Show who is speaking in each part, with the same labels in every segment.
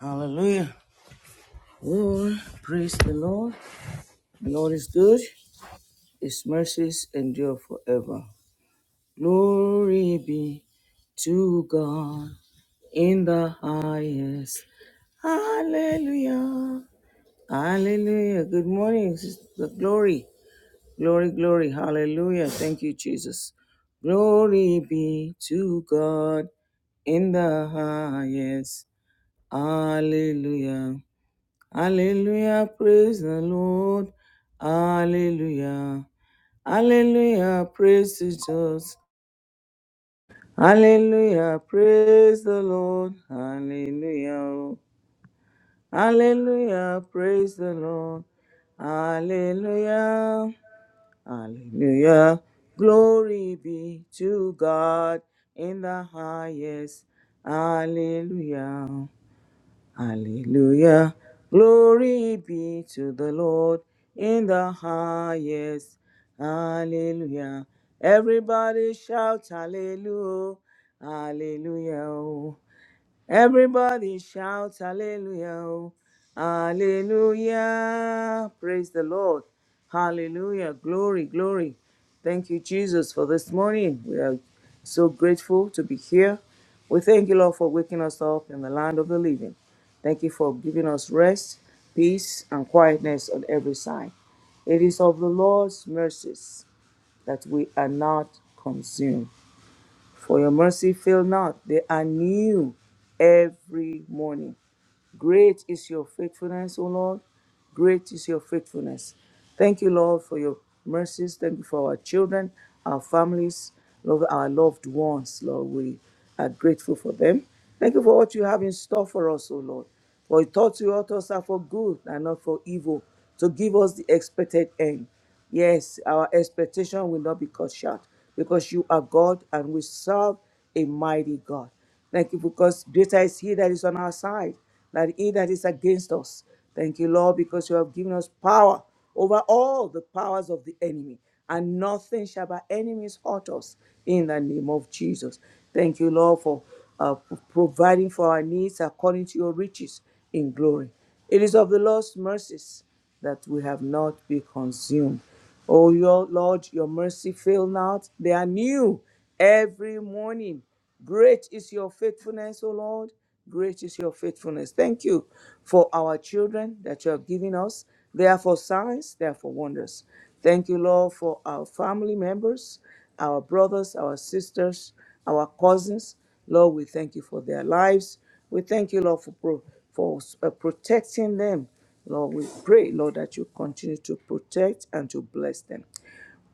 Speaker 1: Hallelujah. Lord, praise the Lord. The Lord is good. His mercies endure forever. Glory be to God in the highest. Hallelujah. Hallelujah. Good morning. The glory. Glory, glory. Hallelujah. Thank you, Jesus. Glory be to God in the highest. Hallelujah. Hallelujah, praise the Lord. Hallelujah. Hallelujah, praise Jesus. Hallelujah, praise the Lord. Hallelujah. Hallelujah, praise the Lord. Hallelujah. Hallelujah. Glory be to God in the highest. Hallelujah. Hallelujah. Glory be to the Lord in the highest. Hallelujah. Everybody shout hallelujah. Hallelujah. Everybody shout hallelujah. oh. Hallelujah. Praise the Lord. Hallelujah. Glory, glory. Thank you, Jesus, for this morning. We are so grateful to be here. We thank you, Lord, for waking us up in the land of the living. Thank you for giving us rest, peace, and quietness on every side. It is of the Lord's mercies that we are not consumed. For your mercy fail not, they are new every morning. Great is your faithfulness, O Lord. Great is your faithfulness. Thank you, Lord, for your mercies. Thank you for our children, our families, Lord, our loved ones, Lord. We are grateful for them. Thank you for what you have in store for us, O Lord. For your thoughts you taught us are for good and not for evil, to give us the expected end. Yes, our expectation will not be cut short because you are God and we serve a mighty God. Thank you because greater is He that is on our side than He that is against us. Thank you, Lord, because you have given us power over all the powers of the enemy, and nothing shall by enemies hurt us in the name of Jesus. Thank you, Lord, for uh, providing for our needs according to your riches in glory. It is of the Lord's mercies that we have not been consumed. O your Lord, your mercy fail not. They are new every morning. Great is your faithfulness, O Lord. Great is your faithfulness. Thank you for our children that you have given us. They are for signs, they are for wonders. Thank you, Lord, for our family members our brothers, our sisters, our cousins. Lord, we thank you for their lives. We thank you, Lord, for, pro- for uh, protecting them. Lord, we pray, Lord, that you continue to protect and to bless them.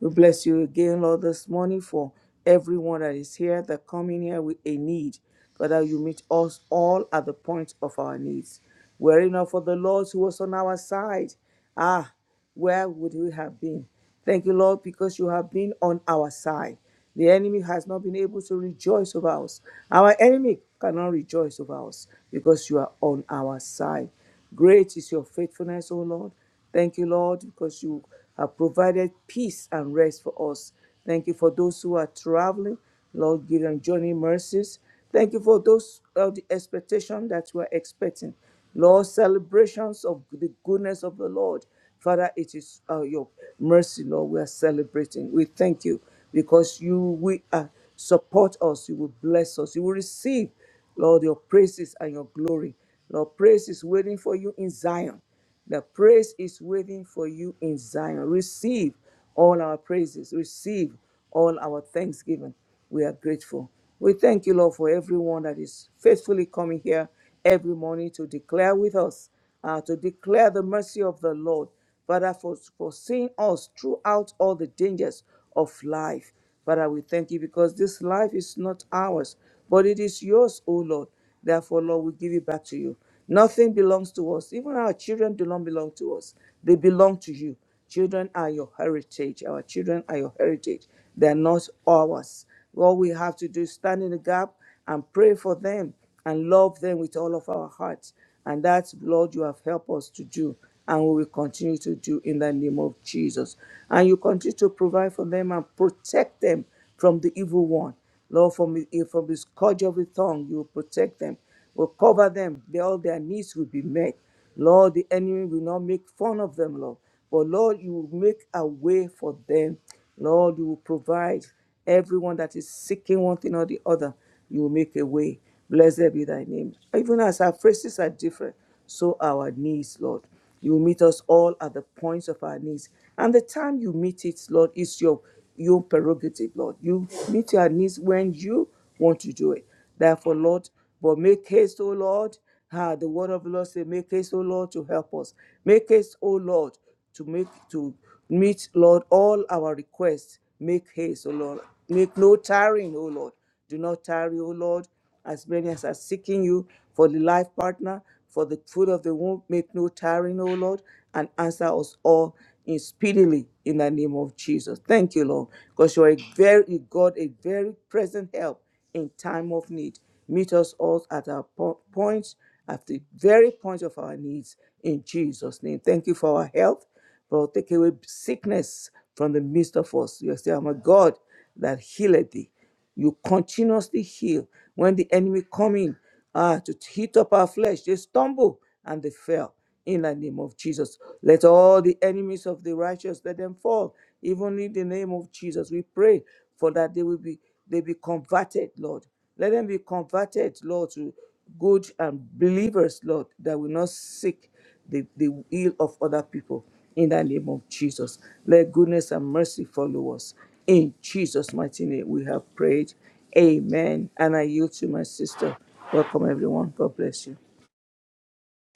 Speaker 1: We bless you again, Lord, this morning for everyone that is here that come in here with a need. Father, you meet us all at the point of our needs. Were it not for the Lord who was on our side, ah, where would we have been? Thank you, Lord, because you have been on our side. The enemy has not been able to rejoice over us. Our enemy cannot rejoice over us because you are on our side. Great is your faithfulness, O Lord. Thank you, Lord, because you have provided peace and rest for us. Thank you for those who are traveling. Lord, give them journey mercies. Thank you for those of the expectation that we are expecting. Lord, celebrations of the goodness of the Lord. Father, it is uh, your mercy, Lord, we are celebrating. We thank you because you will uh, support us, you will bless us, you will receive, Lord, your praises and your glory. Lord, praise is waiting for you in Zion. The praise is waiting for you in Zion. Receive all our praises, receive all our thanksgiving. We are grateful. We thank you, Lord, for everyone that is faithfully coming here every morning to declare with us, uh, to declare the mercy of the Lord, Father, for, for seeing us throughout all the dangers of life. Father, we thank you because this life is not ours, but it is yours, O Lord. Therefore, Lord, we give it back to you. Nothing belongs to us. Even our children do not belong to us, they belong to you. Children are your heritage. Our children are your heritage. They are not ours. All we have to do is stand in the gap and pray for them and love them with all of our hearts. And that, Lord, you have helped us to do, and we will continue to do in the name of Jesus. And you continue to provide for them and protect them from the evil one. Lord, from, the- from the scourge of the tongue, you will protect them, will cover them, They- all their needs will be met. Lord, the enemy will not make fun of them, Lord. But Lord, you will make a way for them. Lord, you will provide. Everyone that is seeking one thing or the other, you will make a way. Blessed be thy name. Even as our phrases are different, so our needs, Lord. You will meet us all at the points of our needs. And the time you meet it, Lord, is your your prerogative, Lord. You meet your needs when you want to do it. Therefore, Lord, but make haste, O Lord. Ah, the word of the Lord say, make haste, O Lord, to help us. Make haste, O Lord, to make to meet, Lord, all our requests. Make haste, O Lord. Make no tarrying, O Lord. Do not tarry, O Lord, as many as are seeking you for the life partner, for the food of the womb. Make no tarrying, O Lord, and answer us all in speedily in the name of Jesus. Thank you, Lord, because you are a very God, a very present help in time of need. Meet us all at our po- points, at the very point of our needs in Jesus' name. Thank you for our health, but take away sickness from the midst of us. You say, I'm a God that healeth thee. You continuously heal. When the enemy come in ah, to hit up our flesh, they stumble and they fell in the name of Jesus. Let all the enemies of the righteous let them fall. Even in the name of Jesus, we pray for that they will be they be converted, Lord. Let them be converted, Lord, to good and believers, Lord, that will not seek the, the will of other people. In the name of Jesus. Let goodness and mercy follow us. In Jesus' mighty name, we have prayed. Amen. And I yield to my sister. Welcome, everyone. God bless you.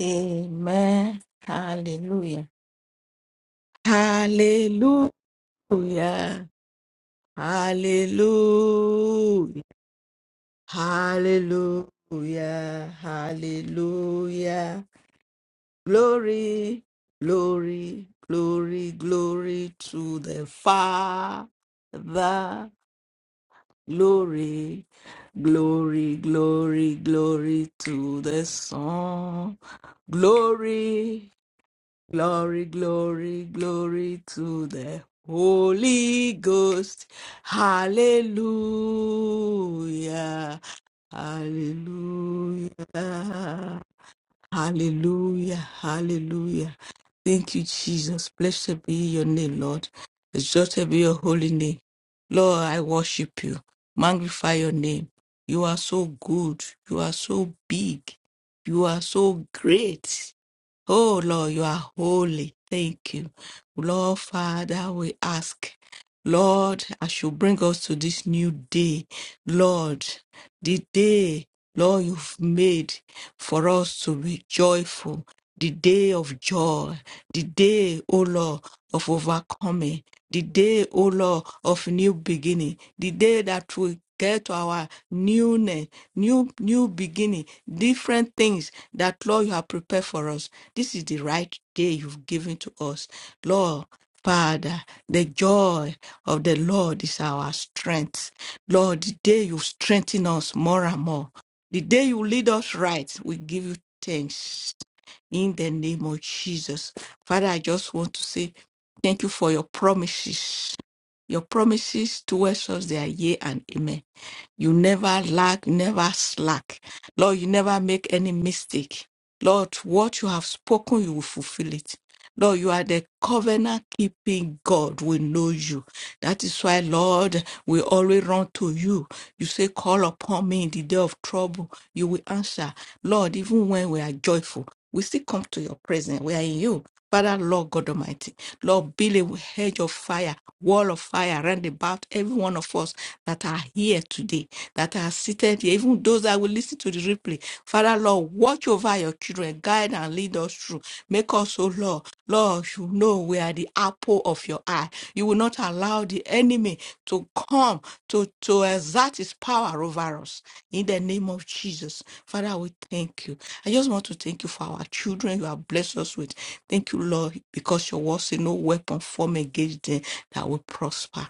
Speaker 2: Amen. Hallelujah. Hallelujah. Hallelujah. Hallelujah. Hallelujah. Glory, glory, glory, glory to the Father. Glory, glory, glory, glory to the Son. Glory, Glory, glory, glory to the Holy Ghost. Hallelujah, hallelujah, hallelujah, hallelujah. Thank you, Jesus. Blessed be your name, Lord. Exalted be your holy name. Lord, I worship you. Magnify your name. You are so good. You are so big. You are so great. Oh Lord, you are holy. Thank you. Lord Father, we ask. Lord, as you bring us to this new day, Lord, the day, Lord, you've made for us to be joyful, the day of joy, the day, O Lord, of overcoming, the day, O Lord, of new beginning the day that we get to our newness, new new beginning, different things that Lord you have prepared for us. This is the right day you've given to us. Lord, Father, the joy of the Lord is our strength. Lord, the day you strengthen us more and more. The day you lead us right, we give you thanks. In the name of Jesus. Father, I just want to say thank you for your promises. Your promises towards us, they are yea and amen. You never lack, never slack. Lord, you never make any mistake. Lord, what you have spoken, you will fulfill it. Lord, you are the covenant keeping God. We know you. That is why, Lord, we always run to you. You say, Call upon me in the day of trouble. You will answer. Lord, even when we are joyful, we still come to your presence. We are in you. Father, Lord God Almighty, Lord, build a hedge of fire, wall of fire round about every one of us that are here today, that are seated here, even those that will listen to the replay. Father, Lord, watch over your children, guide and lead us through. Make us, oh Lord, Lord, you know we are the apple of your eye. You will not allow the enemy to come to, to exert his power over us in the name of Jesus. Father, we thank you. I just want to thank you for our children you have blessed us with. Thank you, Lord, because your word say no weapon formed against them that will prosper.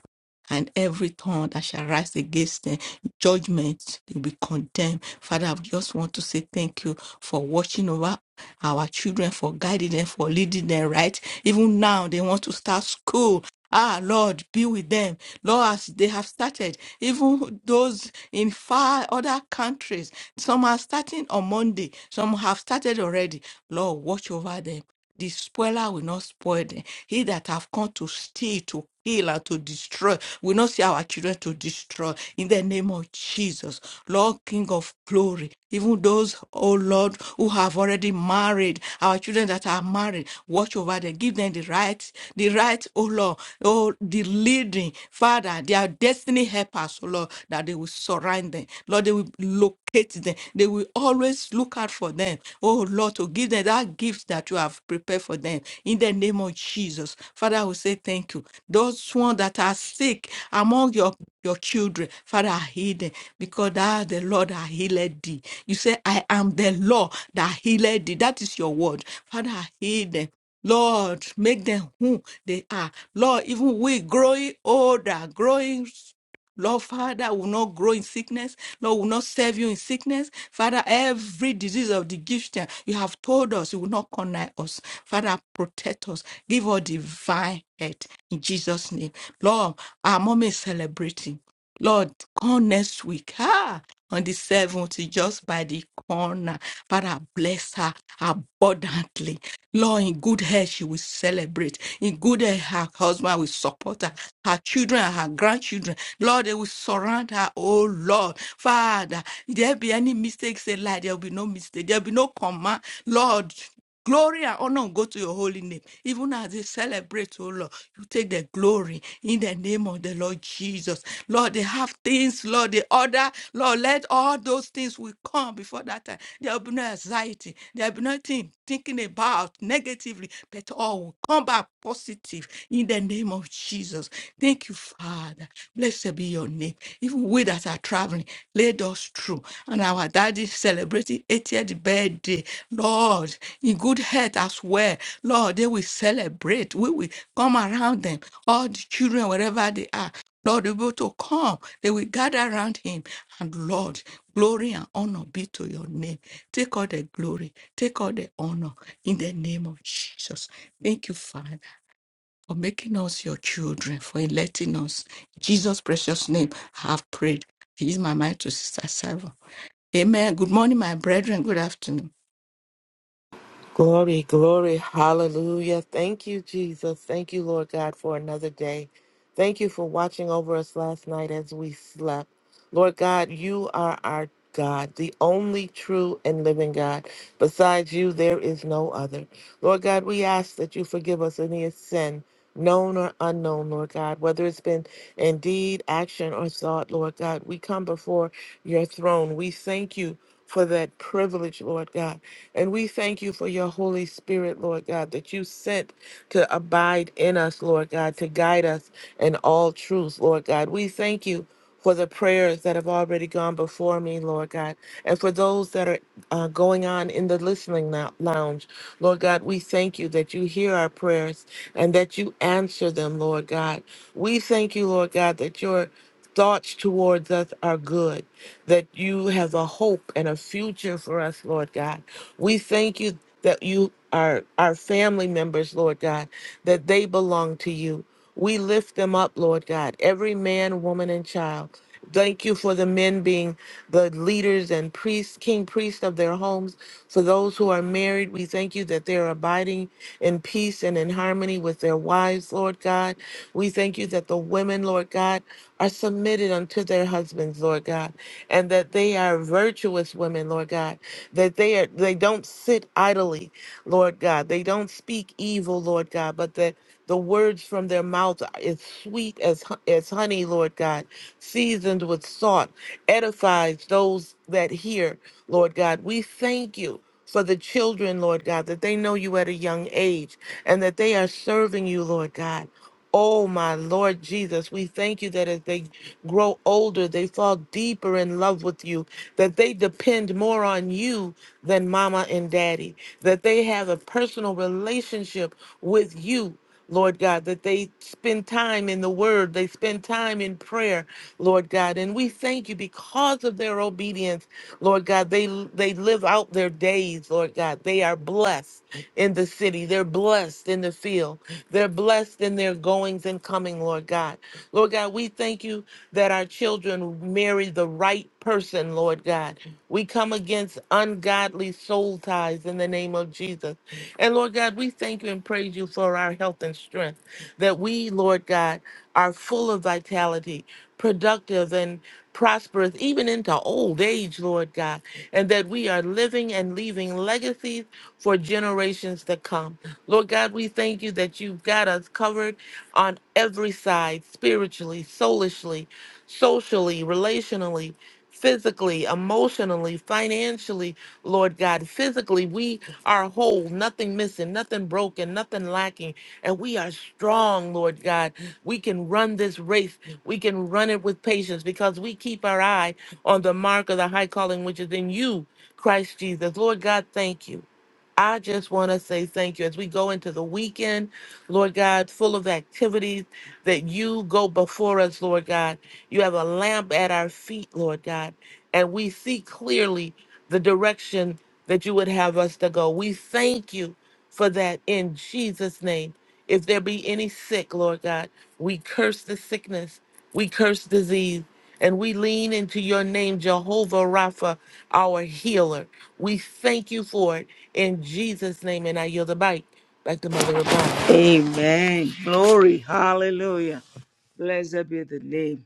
Speaker 2: And every tongue that shall rise against them, judgment will be condemned. Father, I just want to say thank you for watching over our children, for guiding them, for leading them right. Even now, they want to start school. Ah, Lord, be with them. Lord, as they have started, even those in far other countries, some are starting on Monday, some have started already. Lord, watch over them. The spoiler will not spoil them. He that have come to steal, to kill, and to destroy will not see our children to destroy. In the name of Jesus, Lord, King of glory, even those, oh Lord, who have already married, our children that are married, watch over them, give them the right, the right, oh Lord, oh, the leading, Father, their destiny helpers, oh Lord, that they will surround them. Lord, they will locate them. They will always look out for them, oh Lord, to give them that gift that you have prepared for them. In the name of Jesus, Father, we say thank you. Those ones that are sick among your your children. Father, I heal them because thou, the Lord, I healed thee. You say, I am the Lord that healed thee. That is your word. Father, I heal them. Lord, make them who they are. Lord, even we growing older, growing Lord, Father, I will not grow in sickness. Lord, will not serve you in sickness. Father, every disease of the gift Egyptian, you have told us, you will not connive us. Father, protect us. Give us divine health in Jesus' name. Lord, our mom is celebrating. Lord, come next week. Ah, on the 7th, just by the corner. Father, bless her abundantly. Lord, in good health, she will celebrate. In good health, her husband will support her, her children, and her grandchildren. Lord, they will surround her. Oh, Lord. Father, if there be any mistakes in life, there will be no mistake. There will be no command. Lord, glory and honor go to your holy name. Even as they celebrate, oh, Lord, you take the glory in the name of the Lord Jesus. Lord, they have things, Lord, they order. Lord, let all those things things will come before that time. There will be no anxiety. There will be nothing thinking about negatively, but all will come back positive in the name of Jesus. Thank you, Father. Blessed be your name. Even we that are traveling, lead us through. And our daddy celebrating 80th birthday. Lord, in good health as well. Lord, they will celebrate. We will come around them. All the children, wherever they are. Lord, able to come. They will gather around him. And Lord, glory and honor be to your name. Take all the glory, take all the honor in the name of Jesus. Thank you, Father, for making us your children, for electing us. In Jesus' precious name, I have prayed. Use my mind to Sister Sarah. Amen. Good morning, my brethren. Good afternoon.
Speaker 3: Glory, glory, hallelujah. Thank you, Jesus. Thank you, Lord God, for another day. Thank you for watching over us last night as we slept. Lord God, you are our God, the only true and living God. Besides you, there is no other. Lord God, we ask that you forgive us any sin, known or unknown, Lord God, whether it's been in deed, action, or thought, Lord God. We come before your throne. We thank you for that privilege, Lord God. And we thank you for your Holy Spirit, Lord God, that you sent to abide in us, Lord God, to guide us in all truth, Lord God. We thank you for the prayers that have already gone before me, Lord God, and for those that are uh, going on in the listening lou- lounge. Lord God, we thank you that you hear our prayers and that you answer them, Lord God. We thank you, Lord God, that your thoughts towards us are good, that you have a hope and a future for us, Lord God. We thank you that you are our family members, Lord God, that they belong to you. We lift them up, Lord God, every man, woman, and child. Thank you for the men being the leaders and priests, king priests of their homes. For those who are married, we thank you that they're abiding in peace and in harmony with their wives, Lord God. We thank you that the women, Lord God, are submitted unto their husbands, Lord God, and that they are virtuous women, Lord God, that they are they don't sit idly, Lord God. They don't speak evil, Lord God, but that the words from their mouth are as sweet as hu- as honey, Lord God, seasoned with salt, edifies those that hear, Lord God. We thank you for the children, Lord God, that they know you at a young age and that they are serving you, Lord God. Oh, my Lord Jesus, we thank you that as they grow older, they fall deeper in love with you, that they depend more on you than mama and daddy, that they have a personal relationship with you. Lord God, that they spend time in the word, they spend time in prayer, Lord God. And we thank you because of their obedience, Lord God. They they live out their days, Lord God. They are blessed in the city, they're blessed in the field, they're blessed in their goings and coming, Lord God. Lord God, we thank you that our children marry the right person, Lord God. We come against ungodly soul ties in the name of Jesus. And Lord God, we thank you and praise you for our health and strength, that we, Lord God, are full of vitality, productive, and prosperous, even into old age, Lord God, and that we are living and leaving legacies for generations to come. Lord God, we thank you that you've got us covered on every side, spiritually, soulishly socially, relationally, physically, emotionally, financially, Lord God. Physically, we are whole, nothing missing, nothing broken, nothing lacking, and we are strong, Lord God. We can run this race, we can run it with patience because we keep our eye on the mark of the high calling which is in you, Christ Jesus. Lord God, thank you. I just want to say thank you as we go into the weekend, Lord God, full of activities that you go before us, Lord God. You have a lamp at our feet, Lord God, and we see clearly the direction that you would have us to go. We thank you for that in Jesus' name. If there be any sick, Lord God, we curse the sickness, we curse disease, and we lean into your name, Jehovah Rapha, our healer. We thank you for it in Jesus' name, and I yield the mic back to Mother Rabun.
Speaker 1: Amen. Glory. Hallelujah. Blessed be the name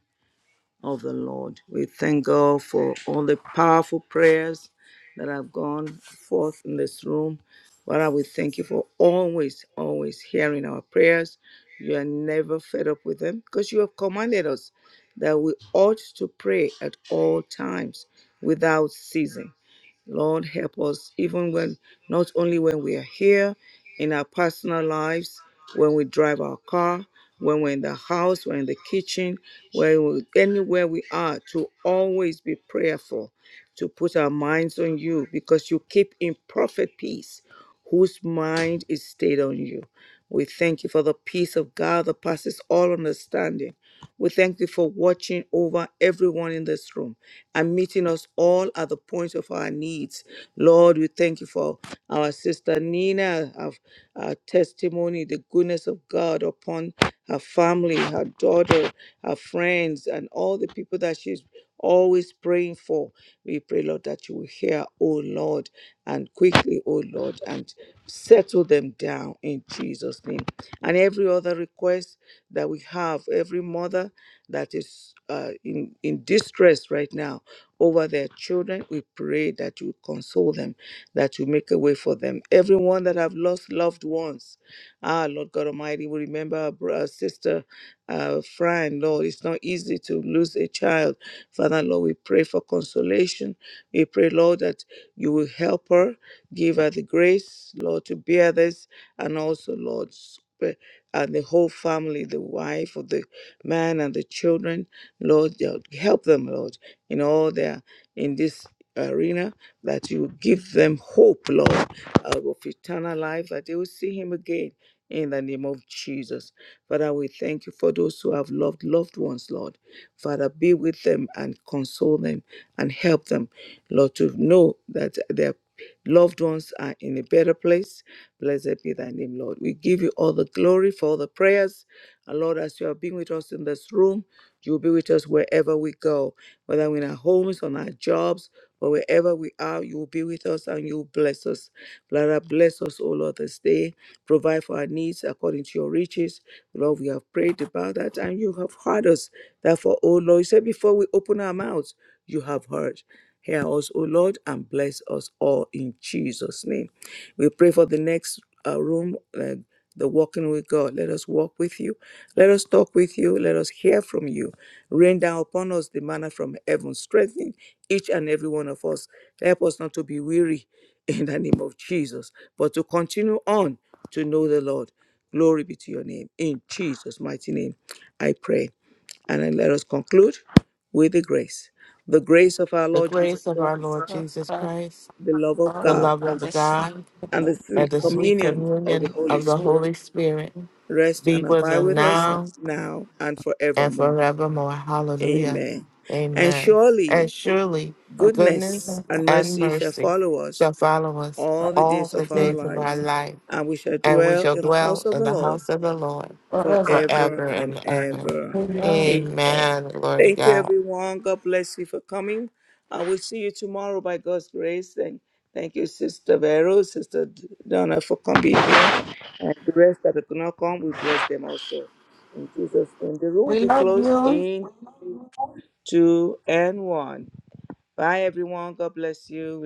Speaker 1: of the Lord. We thank God for all the powerful prayers that have gone forth in this room. Father, we thank you for always, always hearing our prayers. You are never fed up with them because you have commanded us that we ought to pray at all times without ceasing. Lord, help us, even when not only when we are here in our personal lives, when we drive our car, when we're in the house, we're in the kitchen, where we, anywhere we are, to always be prayerful, to put our minds on you, because you keep in perfect peace whose mind is stayed on you. We thank you for the peace of God that passes all understanding we thank you for watching over everyone in this room and meeting us all at the point of our needs. Lord, we thank you for our sister Nina, our, our testimony, the goodness of God upon her family, her daughter, her friends, and all the people that she's always praying for. We pray, Lord, that you will hear, oh Lord, and quickly, oh Lord, and settle them down in Jesus' name and every other request that we have, every mother that is uh, in, in distress right now over their children, we pray that you console them, that you make a way for them. Everyone that have lost loved ones, ah, Lord God Almighty, we remember our, bro- our sister uh, Fran, Lord, it's not easy to lose a child. Father, Lord, we pray for consolation. We pray, Lord, that you will help her, give her the grace, Lord, to bear this and also, Lord, sp- and the whole family, the wife of the man and the children, Lord, you- help them, Lord, in all their in this arena, that you give them hope, Lord, uh, of eternal life, that they will see Him again. In the name of Jesus. Father, we thank you for those who have loved loved ones, Lord. Father, be with them and console them and help them, Lord, to know that their loved ones are in a better place Blessed be thy name, Lord. We give you all the glory for all the prayers. And Lord, as you have been with us in this room, you will be with us wherever we go, whether we're in our homes, on our jobs, or wherever we are, you will be with us and you will bless us. Father, bless us, O Lord, this day. Provide for our needs according to your riches. Lord, we have prayed about that and you have heard us. Therefore, O Lord, you said before we open our mouths, you have heard. Hear us, O Lord, and bless us all in Jesus' name. We pray for the next uh, room, uh, the walking with God. Let us walk with you. Let us talk with you. Let us hear from you. Rain down upon us the manna from heaven. Strengthen each and every one of us. Help us not to be weary in the name of Jesus, but to continue on to know the Lord. Glory be to your name. In Jesus' mighty name, I pray. And then let us conclude with the grace. The grace of our
Speaker 3: the
Speaker 1: Lord Jesus
Speaker 3: grace of our
Speaker 1: Christ,
Speaker 3: Lord Jesus Christ,
Speaker 1: the love of
Speaker 3: the
Speaker 1: God
Speaker 3: love of God,
Speaker 1: and the
Speaker 3: and
Speaker 1: sweet
Speaker 3: the sweet
Speaker 1: communion of the
Speaker 3: communion
Speaker 1: Holy
Speaker 3: of the
Speaker 1: Spirit
Speaker 3: Holy Spirit
Speaker 1: rest
Speaker 3: be
Speaker 1: and
Speaker 3: with
Speaker 1: abide
Speaker 3: us
Speaker 1: with us
Speaker 3: now
Speaker 1: now and
Speaker 3: and
Speaker 1: forevermore.
Speaker 3: forevermore. Hallelujah.
Speaker 1: Amen. And
Speaker 3: Amen. And
Speaker 1: surely
Speaker 3: surely goodness
Speaker 1: goodness and
Speaker 3: and
Speaker 1: mercy shall
Speaker 3: mercy
Speaker 1: follow us
Speaker 3: shall follow us
Speaker 1: all the
Speaker 3: all
Speaker 1: days
Speaker 3: the
Speaker 1: of our
Speaker 3: days of our
Speaker 1: lives,
Speaker 3: life,
Speaker 1: and we shall
Speaker 3: and we
Speaker 1: dwell
Speaker 3: shall
Speaker 1: in the house
Speaker 3: dwell
Speaker 1: of
Speaker 3: in
Speaker 1: the
Speaker 3: the
Speaker 1: Lord
Speaker 3: house of the Lord
Speaker 1: forever
Speaker 3: forever
Speaker 1: and
Speaker 3: and ever.
Speaker 1: ever.
Speaker 3: Amen. Glory to
Speaker 1: Thank you,
Speaker 3: God.
Speaker 1: everyone. God bless you for coming. I will see you tomorrow by God's grace. And thank you, Sister Vero, Sister Donna, for coming here. And the rest that could not come, we bless them also. In Jesus' name. The room will
Speaker 2: We
Speaker 1: be
Speaker 2: love
Speaker 1: closed
Speaker 2: you.
Speaker 1: in two and one. Bye, everyone. God bless you.